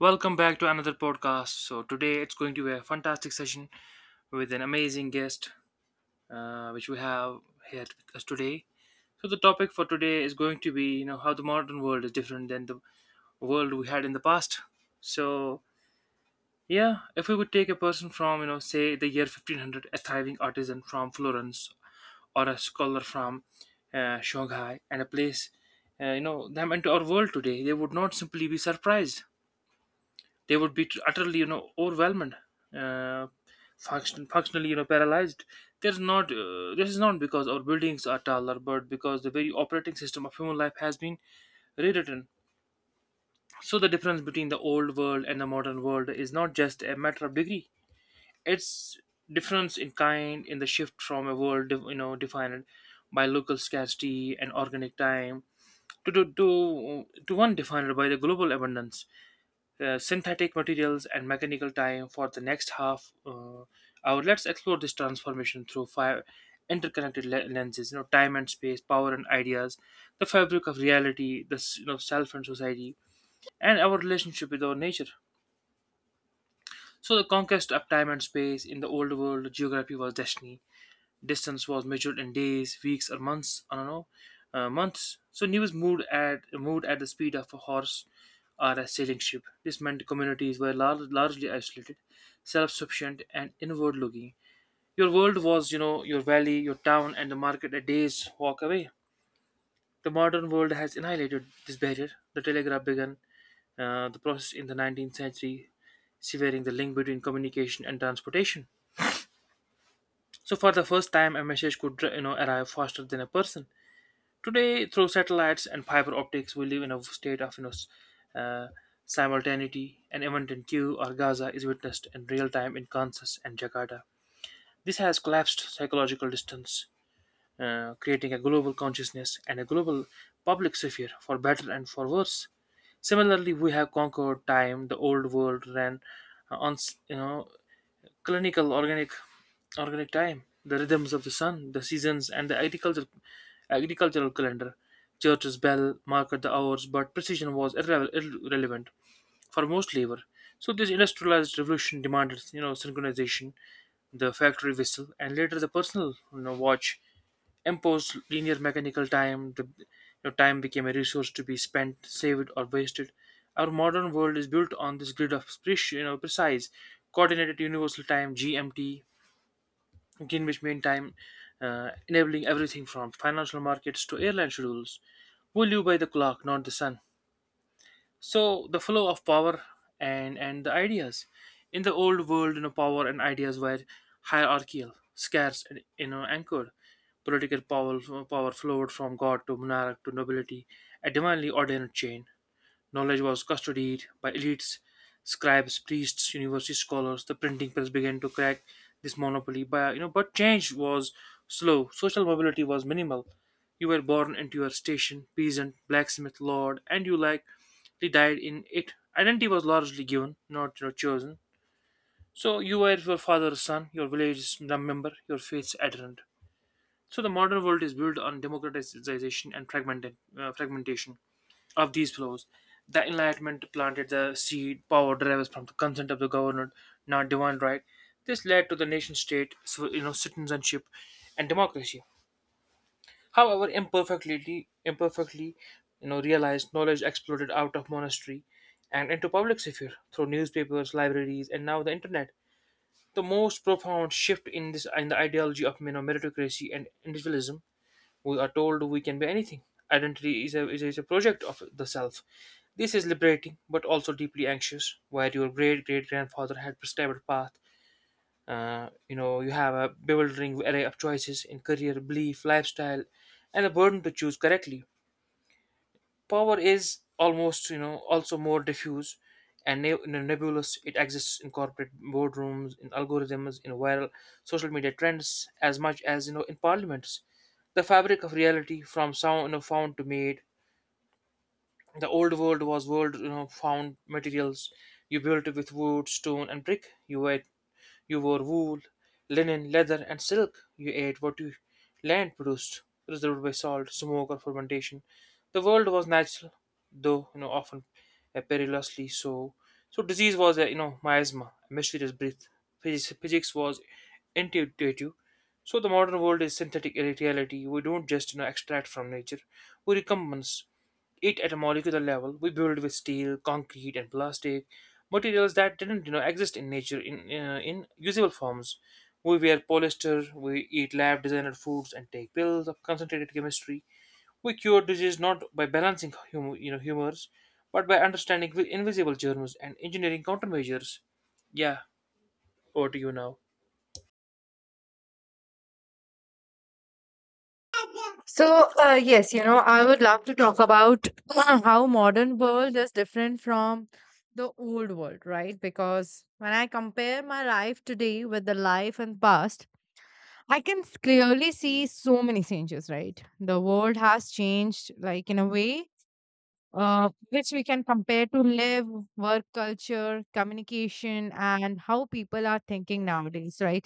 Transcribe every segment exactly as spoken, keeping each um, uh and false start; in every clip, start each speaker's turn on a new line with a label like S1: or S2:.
S1: Welcome back to another podcast. So today it's going to be a fantastic session with an amazing guest, uh, which we have here with us today. So the topic for today is going to be, you know, how the modern world is different than the world we had in the past. So yeah, if we would take a person from, you know, say the year fifteen hundred, a thriving artisan from Florence or a scholar from uh, Shanghai, and a place, uh, you know, them into our world today, they would not simply be surprised, they would be utterly, you know, overwhelmed, uh, function functionally, you know, paralyzed. There's not, uh, this is not because our buildings are taller, but because the very operating system of human life has been rewritten. So the difference between the old world and the modern world is not just a matter of degree, it's difference in kind in the shift from a world, you know, defined by local scarcity and organic time to to to, to one defined by the global abundance, uh, synthetic materials and mechanical time. For the next half uh, hour, let's explore this transformation through five interconnected le- lenses. You know, time and space, power and ideas, the fabric of reality, the s- you know, self and society, and our relationship with our nature. So the conquest of time and space. In the old world, geography was destiny. Distance was measured in days, weeks, or months. I don't know, uh, months. So news moved at moved at the speed of a horse or a sailing ship. This meant communities were lar- largely isolated, self-sufficient, and inward-looking. Your world was, you know, your valley, your town, and the market a day's walk away. The modern world has annihilated this barrier. The telegraph began uh, the process in the nineteenth century, severing the link between communication and transportation. So, for the first time, a message could, you know, arrive faster than a person. Today, through satellites and fiber optics, we live in a state of, you know, s- uh, simultaneity. An event in Q or Gaza is witnessed in real time in Kansas and Jakarta. This has collapsed psychological distance, uh, creating a global consciousness and a global public sphere, for better and for worse. Similarly, we have conquered time. The old world ran uh, on, you know, clinical organic organic time, the rhythms of the sun, the seasons, and the agricultural agricultural calendar. Church's bell marked the hours, but precision was irre- irrelevant for most labor. So this industrialized revolution demanded, you know, synchronization, the factory whistle, and later the personal, you know, watch imposed linear mechanical time. The you know, time became a resource to be spent, saved, or wasted. Our modern world is built on this grid of preci- you know, precise, coordinated universal time (G M T), Greenwich Mean Time, uh, enabling everything from financial markets to airline schedules. We live by the clock, not the sun. So the flow of power and and the ideas. In the old world, you know, power and ideas were hierarchical, scarce, and, you know, anchored. Political power power flowed from God to monarch to nobility, a divinely ordained chain. Knowledge was custodied by elites, scribes, priests, university scholars. The printing press began to crack this monopoly, by, you know, but change was slow. Social mobility was minimal. You were born into your station, peasant, blacksmith, lord, and you likely died in it. Identity was largely given, not, you know, chosen. So you were your father's son, your village's member, your faith's adherent. So the modern world is built on democratization and fragmented, uh, fragmentation of these flows. The Enlightenment planted the seed, power derives from the consent of the governed, not divine right. This led to the nation state, so, you know, citizenship and democracy. However, imperfectly, imperfectly, you know, realized, knowledge exploded out of monastery and into public sphere through newspapers, libraries, and now the internet. The most profound shift in this in the ideology of, you know, meritocracy and individualism, we are told we can be anything. Identity is a, is a, is a project of the self. This is liberating, but also deeply anxious. Where your great great grandfather had prescribed path, uh, you know, you have a bewildering array of choices in career, belief, lifestyle, and a burden to choose correctly. Power is almost, you know, also more diffuse and ne- nebulous. It exists in corporate boardrooms, in algorithms, in viral social media trends, as much as, you know, in parliaments. The fabric of reality, from sound, you know, found to made. The old world was world, you know, found materials. You built it with wood, stone, and brick. You were you wore wool, linen, leather, and silk. You ate what your land produced, preserved by salt, smoke, or fermentation. The world was natural, though, you know, often uh, perilously so. So disease was a, you know, miasma, a mysterious breath. Physics, physics was intuitive. So the modern world is synthetic reality. We don't just, you know, extract from nature; we recompense it at a molecular level. We build with steel, concrete, and plastic, materials that didn't, you know, exist in nature in uh, in usable forms. We wear polyester, we eat lab designed foods, and take pills of concentrated chemistry. We cure disease not by balancing hum- you know, humors, but by understanding vi- invisible germs and engineering countermeasures. Yeah, over to you now.
S2: So, uh, yes, you know, I would love to talk about how modern world is different from the old world, right? Because when I compare my life today with the life in past, I can s- clearly see so many changes, right? The world has changed, like in a way, uh, which we can compare to live, work culture, communication, and how people are thinking nowadays, right?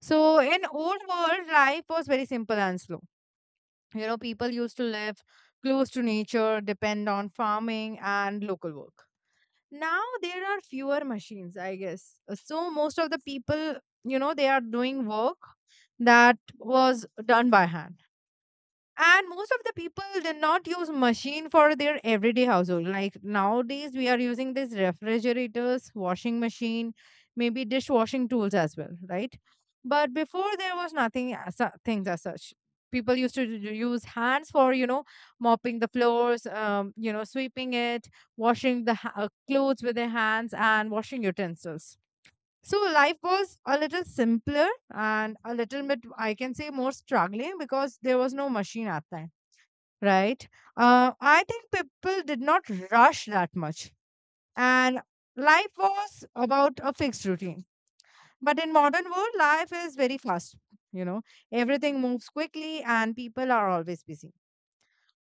S2: So, in old world, life was very simple and slow, you know, people used to live close to nature, depend on farming and local work. Now there are fewer machines, I guess. Uh, So most of the people, you know, they are doing work that was done by hand, and most of the people did not use machine for their everyday household like nowadays we are using these refrigerators, washing machine, maybe dishwashing tools as well, right? But before there was nothing as su- things as such. People used to u- use hands for, you know, mopping the floors, um, you know, sweeping it, washing the ha- uh, clothes with their hands and washing utensils. So life was a little simpler and a little bit, I can say, more struggling because there was no machine at that time, right? Uh, I think people did not rush that much, and life was about a fixed routine. But in modern world, life is very fast. You know, everything moves quickly, and people are always busy.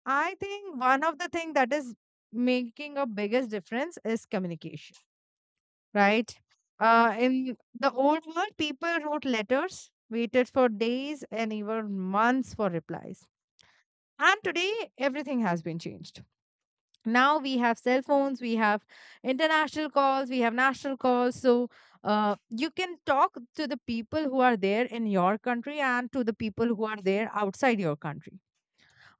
S2: I think one of the thing that is making a biggest difference is communication, right? Uh, in the old world, people wrote letters, waited for days and even months for replies. And today, everything has been changed. Now we have cell phones, we have international calls, we have national calls. So uh, you can talk to the people who are there in your country and to the people who are there outside your country.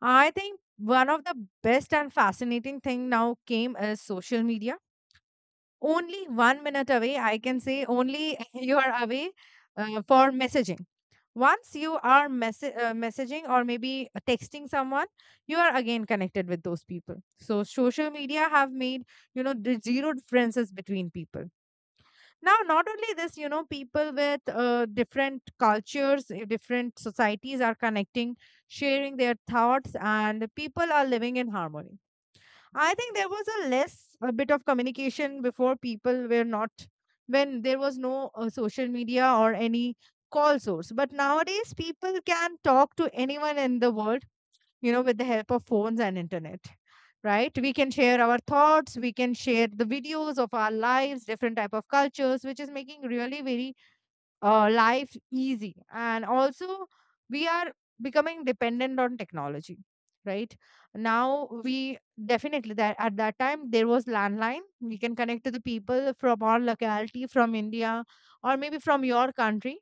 S2: I think one of the best and fascinating thing now came is social media. Only one minute away, I can say, only you are away uh, for messaging. Once you are mess- uh, messaging or maybe uh, texting someone, you are again connected with those people. So social media have made, you know, the zero differences between people. Now not only this, you know, people with uh, different cultures, uh, different societies are connecting, sharing their thoughts, and people are living in harmony. I think there was a less a bit of communication before. People were not, when there was no uh, social media or any call source. But nowadays people can talk to anyone in the world, you know, with the help of phones and internet. Right? We can share our thoughts, we can share the videos of our lives, different type of cultures, which is making really very uh, life easy, and also we are becoming dependent on technology, right? Now we definitely that at that time there was landline. We can connect to the people from our locality, from india, or maybe from your country.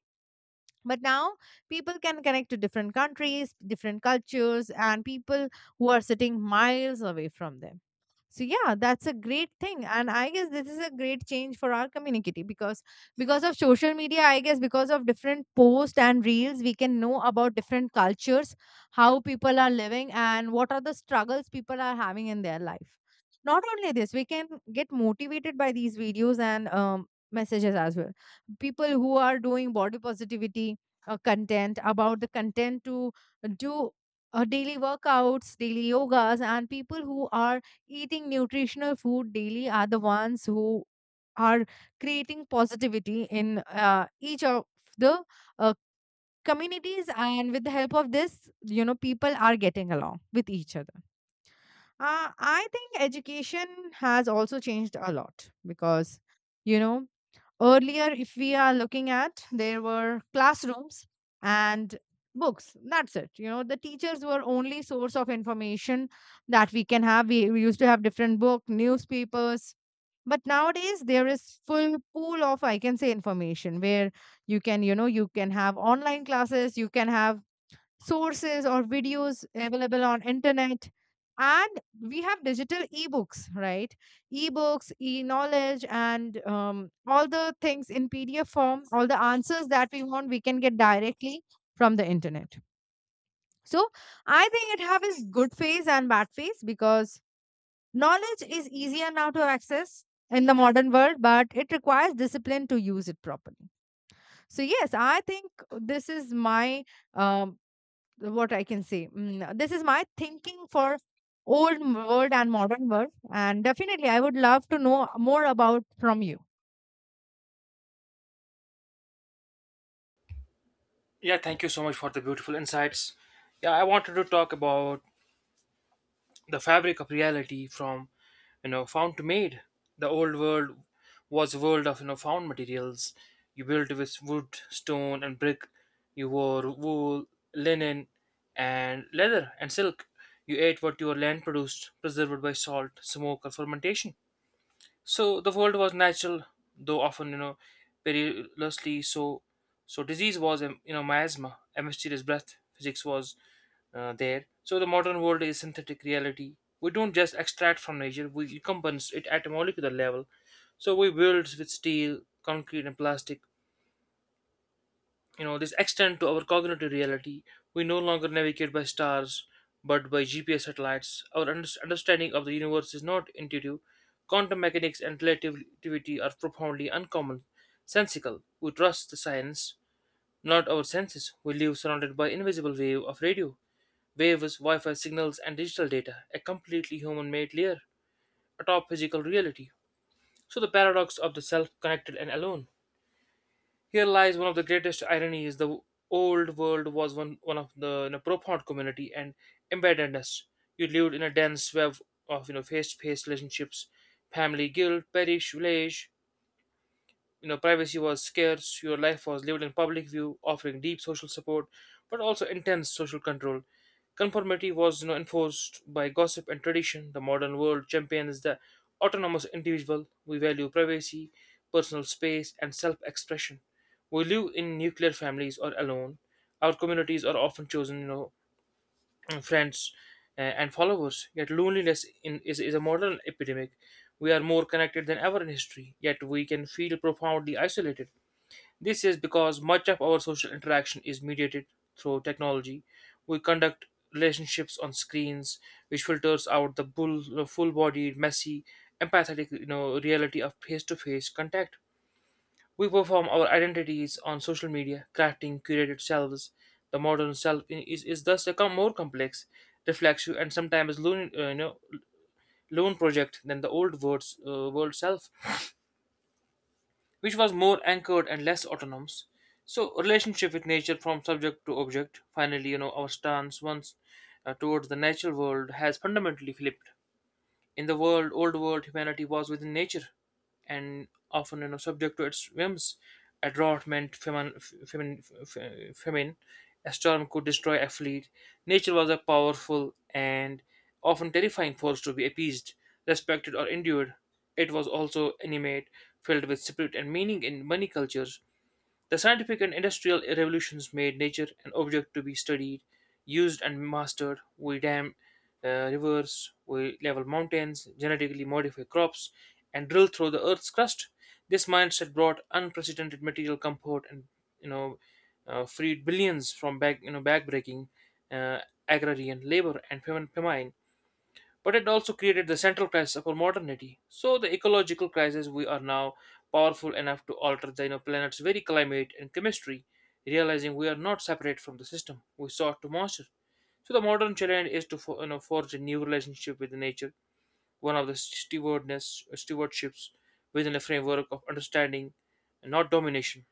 S2: But now people can connect to different countries, different cultures, and people who are sitting miles away from them. So yeah, that's a great thing, and I guess this is a great change for our community, because because of social media, I guess, because of different posts and reels, we can know about different cultures, how people are living and what are the struggles people are having in their life. Not only this, we can get motivated by these videos and um, messages as well. People who are doing body positivity uh, content, about the content to do uh, daily workouts, daily yogas, and people who are eating nutritional food daily are the ones who are creating positivity in uh, each of the uh, communities, and with the help of this, you know, people are getting along with each other. uh, I think education has also changed a lot because, you know, earlier, if we are looking at, there were classrooms and books. That's it. You know, the teachers were only source of information that we can have. We, we used to have different book, newspapers. But nowadays, there is full pool of, I can say, information where you can, you know, you can have online classes, you can have sources or videos available on internet, and we have digital ebooks, right? Ebooks, e-knowledge, and um, all the things in pdf form, all the answers that we want we can get directly from the internet. So I think it have its good phase and bad phase, because knowledge is easier now to access in the modern world, but it requires discipline to use it properly. So yes, I think this is my um, what I can say. Mm, this is my thinking for old world and modern world, and definitely I would love to know more about from you.
S1: Yeah, thank you so much for the beautiful insights. Yeah, I wanted to talk about the fabric of reality from, you know, found to made. The old world was a world of, you know, found materials. You built with wood, stone, and brick. You wore wool, linen, and leather and silk. You ate what your land produced, preserved by salt, smoke, or fermentation. So the world was natural, though often, you know, perilously so. So disease was um, you know, miasma, a mysterious breath. Physics was uh, there. So the modern world is synthetic reality. We don't just extract from nature; we compensate it at a molecular level. So we build with steel, concrete, and plastic. You know, this extend to our cognitive reality. We no longer navigate by stars, but by GPS satellites. Our unders- understanding of the universe is not intuitive. Quantum mechanics and relativity are profoundly uncommon sensical. We trust the science, not our senses. We live surrounded by invisible wave of radio waves, wi-fi signals, and digital data, a completely human made layer atop physical reality. So the paradox of the self, connected and alone. Here lies one of the greatest ironies. The old world was one, one of the, you know, profound community and embeddedness. You lived in a dense web of, you know, face-to-face relationships, family, guild, parish, village. You know, privacy was scarce, your life was lived in public view, offering deep social support but also intense social control. Conformity was, you know, enforced by gossip and tradition. The modern world champions the autonomous individual. We value privacy, personal space, and self-expression. We live in nuclear families or alone. Our communities are often chosen, you know, friends uh, and followers. Yet loneliness in, is, is a modern epidemic. We are more connected than ever in history, yet we can feel profoundly isolated. This is because much of our social interaction is mediated through technology. We conduct relationships on screens, which filters out the bull, full-bodied, messy, empathetic, you know, reality of face-to-face contact. We perform our identities on social media, crafting curated selves. The modern self i- is, is thus a com- more complex, reflexive, and sometimes lone, uh, you know, lone project than the old world's, uh, world self, which was more anchored and less autonomous. So, relationship with nature, from subject to object. Finally, you know, our stance once uh, towards the natural world has fundamentally flipped. In the world, old world, humanity was within nature, and often, you know, subject to its whims. A drought meant famine, famine, famine. A storm could destroy a fleet. Nature was a powerful and often terrifying force to be appeased, respected, or endured. It was also animate, filled with spirit and meaning in many cultures. The scientific and industrial revolutions made nature an object to be studied, used, and mastered. We dam uh, rivers, we level mountains, genetically modify crops, and drill through the earth's crust. This mindset brought unprecedented material comfort and, you know, uh, freed billions from back you know backbreaking uh, agrarian labor and fam- famine, but it also created the central crisis of our modernity. So the ecological crisis, we are now powerful enough to alter the, you know, planet's very climate and chemistry, realizing we are not separate from the system we sought to master. So the modern challenge is to for, you know, forge a new relationship with nature, one of the stewardness uh, stewardships within a framework of understanding, and not domination.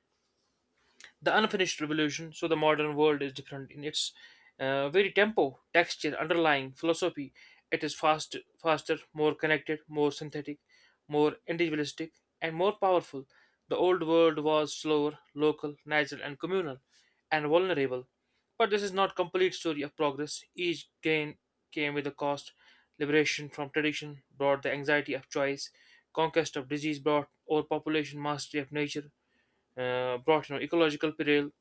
S1: The unfinished revolution. So the modern world is different in its uh, very tempo, texture, underlying philosophy. It is fast, faster, more connected, more synthetic, more individualistic, and more powerful. The old world was slower, local, natural, and communal, and vulnerable. But this is not complete story of progress. Each gain came with a cost. Liberation from tradition brought the anxiety of choice. Conquest of disease brought overpopulation, mastery of nature, uh, brought you know ecological peril.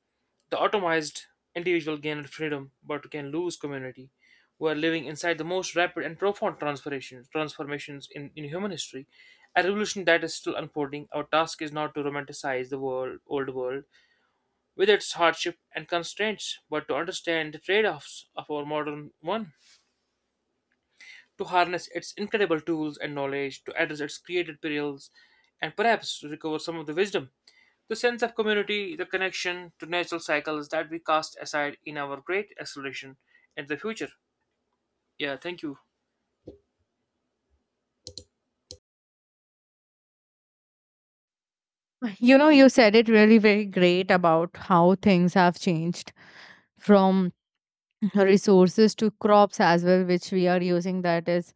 S1: The atomized individual gained freedom, but can lose community. We are living inside the most rapid and profound transformations transformations in, in human history, a revolution that is still unfolding. Our task is not to romanticize the world, old world with its hardship and constraints, but to understand the trade-offs of our modern one, to harness its incredible tools and knowledge, to address its created perils, and perhaps to recover some of the wisdom. The sense of community, the connection to natural cycles that we cast aside in our great acceleration in the future. Yeah, thank you.
S2: You know, you said it really very great about how things have changed from resources to crops as well, which we are using, that is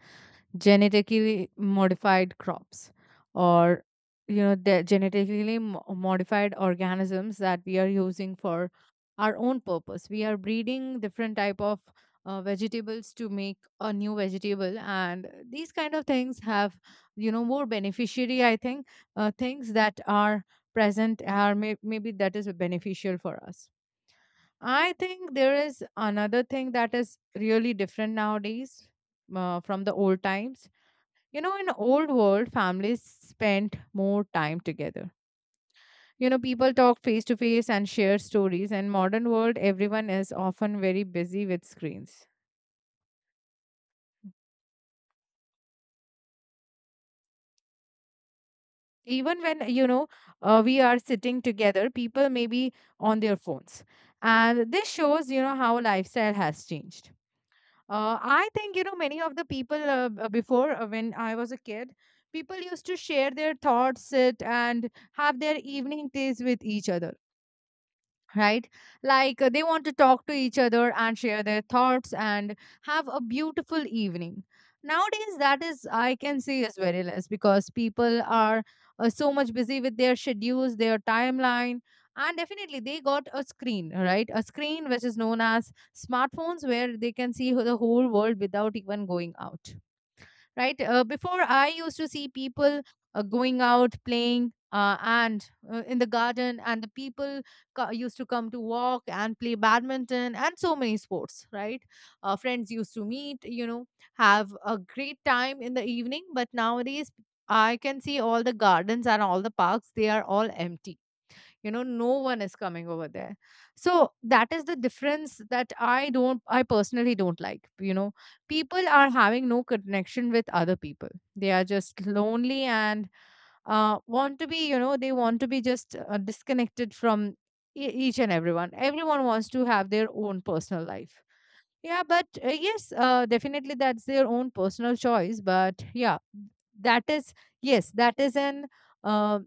S2: genetically modified crops, or you know the genetically mo- modified organisms that we are using for our own purpose. We are breeding different type of uh, vegetables to make a new vegetable, and these kind of things have, you know, more beneficiary, I think, uh, things that are present are may- maybe that is beneficial for us. I think there is another thing that is really different nowadays uh, from the old times. You know, in old world, families spent more time together. You know, people talk face to face and share stories. And modern world, everyone is often very busy with screens. Even when, you know, uh, we are sitting together, people may be on their phones, and this shows, you know, how lifestyle has changed. Uh, I think, you know, many of the people uh, b- before, uh, when I was a kid, people used to share their thoughts, sit and have their evening teas with each other, right? Like, uh, they want to talk to each other and share their thoughts and have a beautiful evening. Nowadays, that is, I can say, is very less, because people are uh, so much busy with their schedules, their timeline, and definitely they got a screen, right? A screen which is known as smartphones where they can see the whole world without even going out, right? Uh, before, I used to see people uh, going out playing uh, and uh, in the garden, and the people co- used to come to walk and play badminton and so many sports, right? Uh, friends used to meet, you know, have a great time in the evening, but nowadays, I can see all the gardens and all the parks, they are all empty. You know, no one is coming over there. So that is the difference that i don't I personally don't like. You know, people are having no connection with other people. They are just lonely and uh, want to be, you know, they want to be just uh, disconnected from e- each and everyone. Everyone wants to have their own personal life. Yeah, but uh, yes, uh, definitely that's their own personal choice, but yeah, that is, yes, that is an um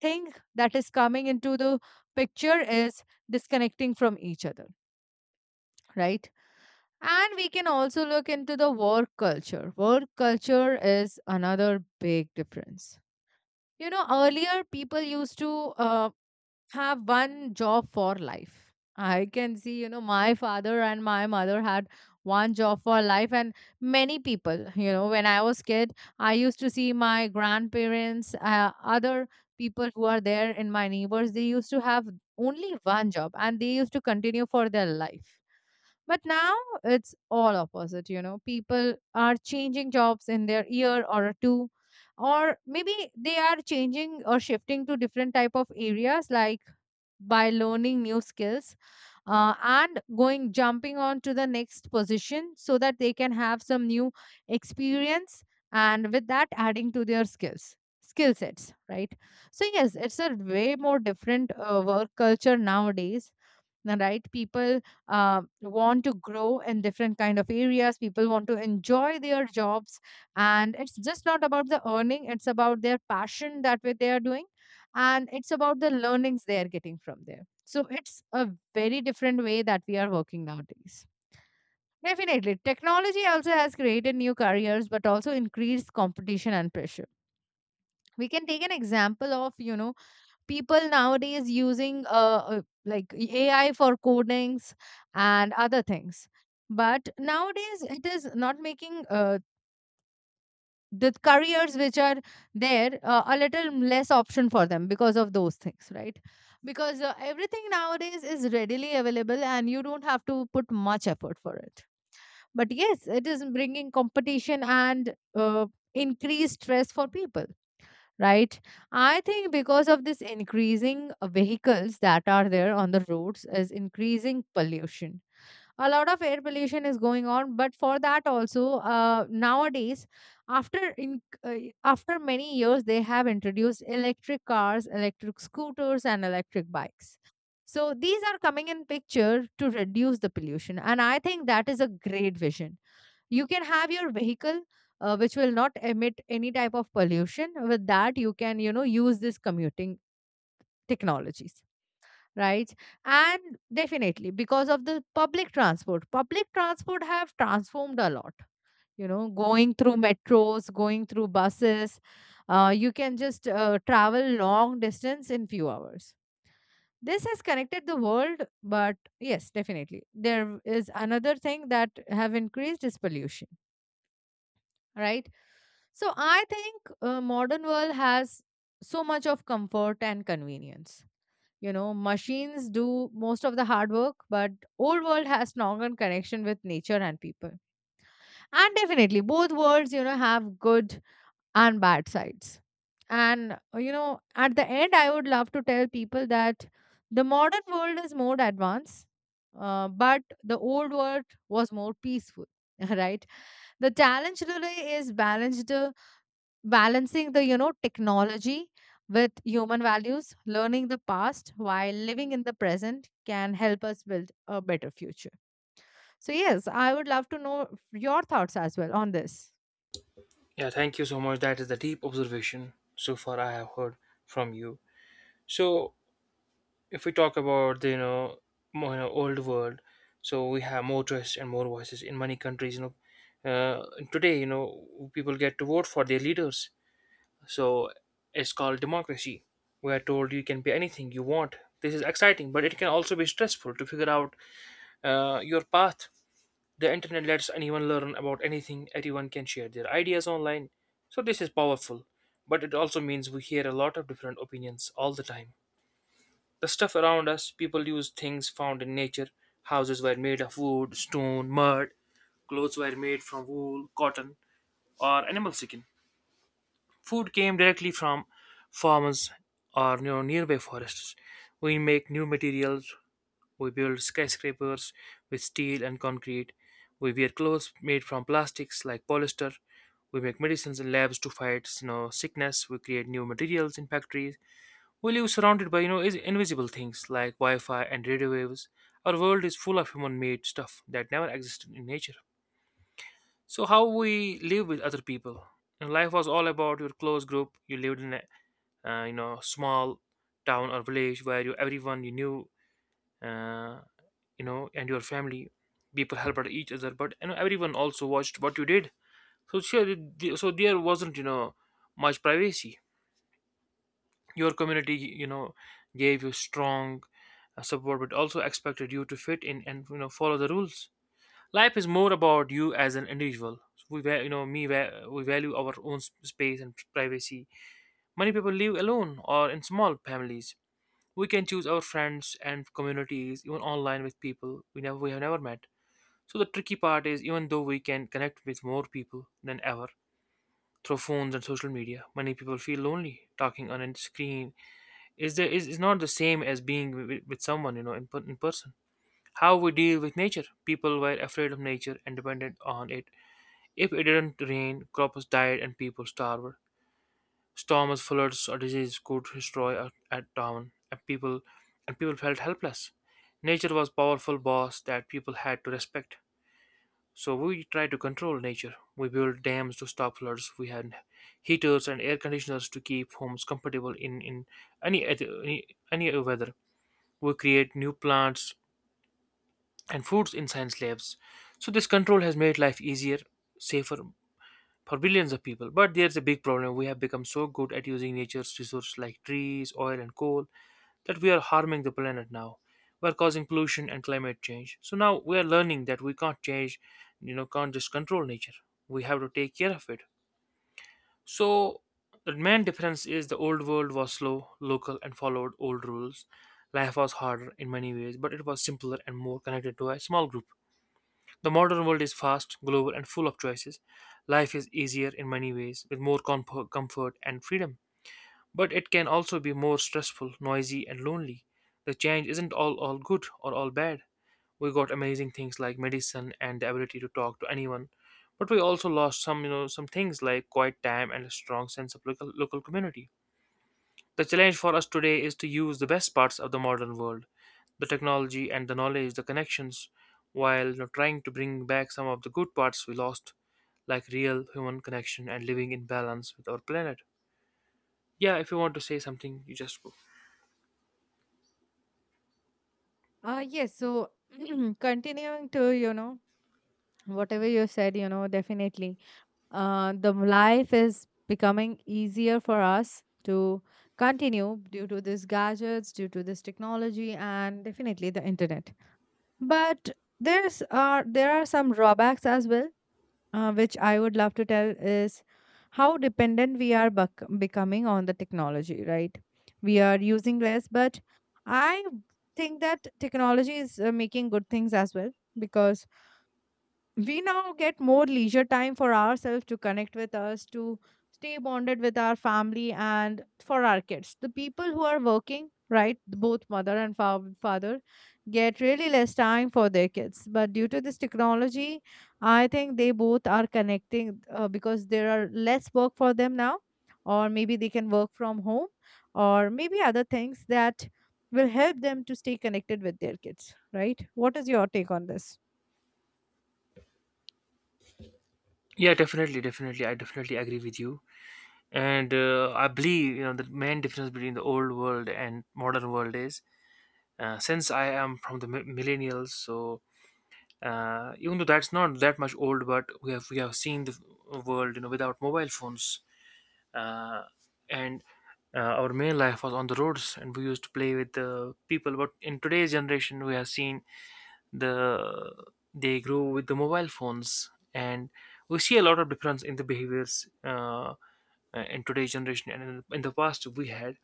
S2: thing that is coming into the picture is disconnecting from each other, right? And we can also look into the work culture. Work culture is another big difference. You know, earlier people used to uh, have one job for life. I can see, you know, my father and my mother had one job for life, and many people, you know, when I was kid, I used to see my grandparents, uh, other people who are there in my neighbors, they used to have only one job and they used to continue for their life. But now it's all opposite, you know, people are changing jobs in their year or two, or maybe they are changing or shifting to different type of areas, like by learning new skills, uh, and going jumping on to the next position so that they can have some new experience, and with that adding to their skills, skill sets, right? So yes, it's a way more different uh, work culture nowadays now, right? People uh, want to grow in different kind of areas. People want to enjoy their jobs, and it's just not about the earning. It's about their passion that way they are doing, and it's about the learnings they are getting from there. So it's a very different way that we are working nowadays. Definitely. Technology also has created new careers, but also increased competition and pressure. We can take an example of, you know, people nowadays using uh, uh, like A I for codings and other things. But nowadays, it is not making uh, the careers which are there uh, a little less option for them because of those things, right? Because uh, everything nowadays is readily available and you don't have to put much effort for it. But yes, it is bringing competition and uh, increased stress for people, right? I think because of this increasing uh, vehicles that are there on the roads is increasing pollution. A lot of air pollution is going on, but for that also uh, nowadays, after in uh, after many years, they have introduced electric cars, electric scooters, and electric bikes. So these are coming in picture to reduce the pollution, and I think that is a great vision. You can have your vehicle, uh, which will not emit any type of pollution. With that you can, you know, use this commuting technologies, right? And definitely because of the public transport, public transport have transformed a lot, you know, going through metros, going through buses. Uh, you can just uh, travel long distance in few hours. This has connected the world, but yes, definitely there is another thing that have increased is pollution, right? So I think uh, modern world has so much of comfort and convenience. You know, machines do most of the hard work, but old world has stronger connection with nature and people. And definitely, both worlds, you know, have good and bad sides. And uh, you know, at the end, I would love to tell people that the modern world is more advanced, uh, but the old world was more peaceful. Right? The challenge today is balanced uh, balancing the, you know, technology with human values. Learning the past while living in the present can help us build a better future. So yes, I would love to know your thoughts as well on this.
S1: Yeah, thank you so much. That is the deep observation so far I have heard from you. So, if we talk about the you know, more, you know, old world, so we have more choice and more voices in many countries. You know, uh, today you know people get to vote for their leaders. So it's called democracy. We are told you can be anything you want. This is exciting, but it can also be stressful to figure out uh, your path. The internet lets anyone learn about anything, everyone can share their ideas online. So this is powerful, but it also means we hear a lot of different opinions all the time. The stuff around us, people use things found in nature. Houses were made of wood, stone, mud, clothes were made from wool, cotton, or animal skin. Food came directly from farms or you know, nearby forests. We make new materials. We build skyscrapers with steel and concrete. We wear clothes made from plastics like polyester. We make medicines in labs to fight you know, sickness. We create new materials in factories. We live surrounded by you know is- invisible things like Wi-Fi and radio waves. Our world is full of human-made stuff that never existed in nature. So how we live with other people. And life was all about your close group you lived in, uh, you know small town or village where you everyone you knew uh, you know and your family, people helped out each other, but you know everyone also watched what you did, so sure th- so there wasn't you know much privacy. Your community, you know gave you strong uh, support, but also expected you to fit in and you know follow the rules. Life is more about you as an individual. We va- you know me va- we value our own s- space and privacy. Many people live alone or in small families. We can choose our friends and communities even online with people we never we have never met. So the tricky part is, even though we can connect with more people than ever through phones and social media, many people feel lonely talking on a screen. Is there is, is not the same as being with, with someone you know in, per- in person. How we deal with nature. People were afraid of nature and dependent on it. If it didn't rain, crops died and people starved. Storms, floods, or disease could destroy a, a town, and people and people felt helpless. Nature was powerful boss that people had to respect. So we tried to control nature. We built dams to stop floods. We had heaters and air conditioners to keep homes comfortable in, in any, other- any any weather. We create new plants and foods in science labs. So this control has made life easier, safer, for billions of people. But there's a big problem. We have become so good at using nature's resources like trees, oil, and coal that we are harming the planet now. We're causing pollution and climate change. So now we are learning that we can't change, you know, can't just control nature. We have to take care of it. So the main difference is the old world was slow, local, and followed old rules. Life was harder in many ways, but it was simpler and more connected to a small group. The modern world is fast, global, and full of choices. Life is easier in many ways, with more comfort, comfort and freedom. But it can also be more stressful, noisy, and lonely. The change isn't all, all good or all bad. We got amazing things like medicine and the ability to talk to anyone, but we also lost some, you know, some things like quiet time and a strong sense of local, local community. The challenge for us today is to use the best parts of the modern world, the technology and the knowledge, the connections, while you know, trying to bring back some of the good parts we lost, like real human connection and living in balance with our planet. Yeah, if you want to say something, you just go.
S2: Uh yes, so continuing to, you know, whatever you said, you know, definitely, uh the life is becoming easier for us to continue due to these gadgets, due to this technology, and definitely the internet. But there's are there are some drawbacks as well, uh, which I would love to tell is how dependent we are bec- becoming on the technology, right? We are using less, but I think that technology is uh, making good things as well, because we now get more leisure time for ourselves to connect with us, to stay bonded with our family. And for our kids, the people who are working, right, both mother and fa- father get really less time for their kids. But due to this technology, I think they both are connecting, uh, because there are less work for them now, or maybe they can work from home, or maybe other things that will help them to stay connected with their kids, right? What is your take on this?
S1: Yeah, definitely, definitely, I definitely agree with you. And uh, I believe you know the main difference between the old world and modern world is, uh, since I am from the mi- millennials, so, uh, even though that's not that much old, but we have we have seen the world you know without mobile phones. Uh, and uh, our main life was on the roads and we used to play with the people, but in today's generation we have seen the they grow with the mobile phones, and we see a lot of difference in the behaviors uh, in today's generation and in, in the past we had.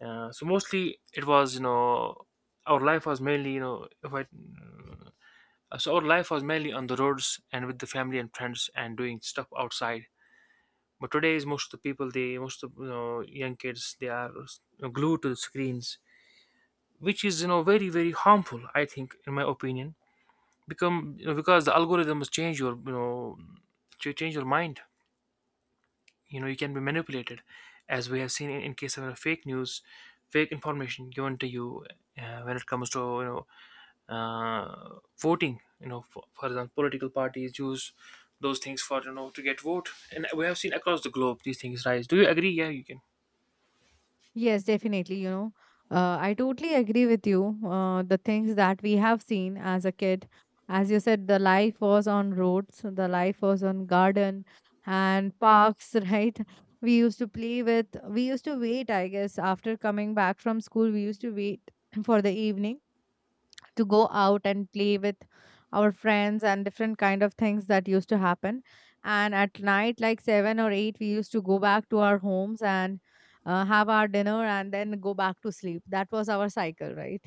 S1: uh, So mostly it was you know our life was mainly you know if I uh, so our life was mainly on the roads and with the family and friends and doing stuff outside. But today is most of the people, they, most of you know, young kids, they are uh, glued to the screens, which is you know very very harmful. I think, in my opinion, become you know, because the algorithm has changed your you know to change your mind. You know, you can be manipulated, as we have seen in, in case of uh, fake news, fake information given to you uh, when it comes to you know uh, voting, you know for, for example, political parties use those things for you know to get vote, and we have seen across the globe these things rise. Do you agree? Yeah, you can.
S2: Yes, definitely. You know, uh, I totally agree with you. Uh, the things that we have seen as a kid, as you said, the life was on roads, the life was on garden and parks, right? We used to play with, we used to wait, I guess, after coming back from school, we used to wait for the evening to go out and play with our friends and different kind of things that used to happen. And at night like seven or eight, we used to go back to our homes and uh, have our dinner and then go back to sleep. That was our cycle, right?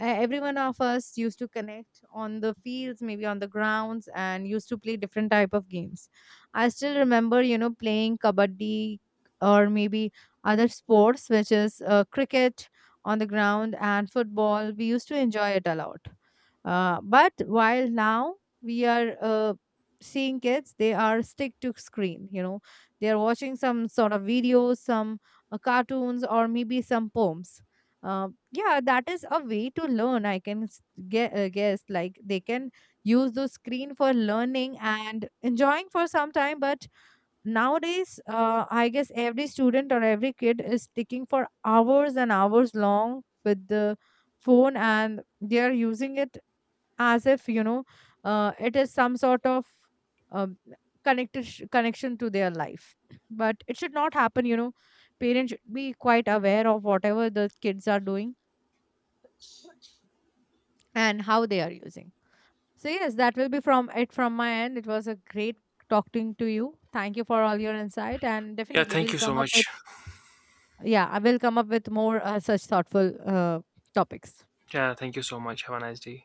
S2: uh, Every one of us used to connect on the fields, maybe on the grounds, and used to play different type of games. I still remember, you know, playing kabaddi, or maybe other sports, which is uh, cricket on the ground and football. We used to enjoy it a lot. Uh, but while now we are uh, seeing kids, they are stick to screen. You know, they are watching some sort of videos, some uh, cartoons, or maybe some poems. Uh, yeah, that is a way to learn. I can s- ge- uh, guess like they can use the screen for learning and enjoying for some time. But nowadays, uh, I guess every student or every kid is sticking for hours and hours long with the phone, and they are using it as if, you know, uh, it is some sort of um, connected connection to their life. But it should not happen, you know. Parents should be quite aware of whatever the kids are doing and how they are using. So yes, that will be from it from my end. It was a great talking to you. Thank you for all your insight, and
S1: Yeah,
S2: definitely
S1: thank
S2: we'll
S1: you so
S2: come up with—
S1: much.
S2: Yeah, I will come up with more uh, such thoughtful uh, topics.
S1: Yeah, thank you so much, have a nice day.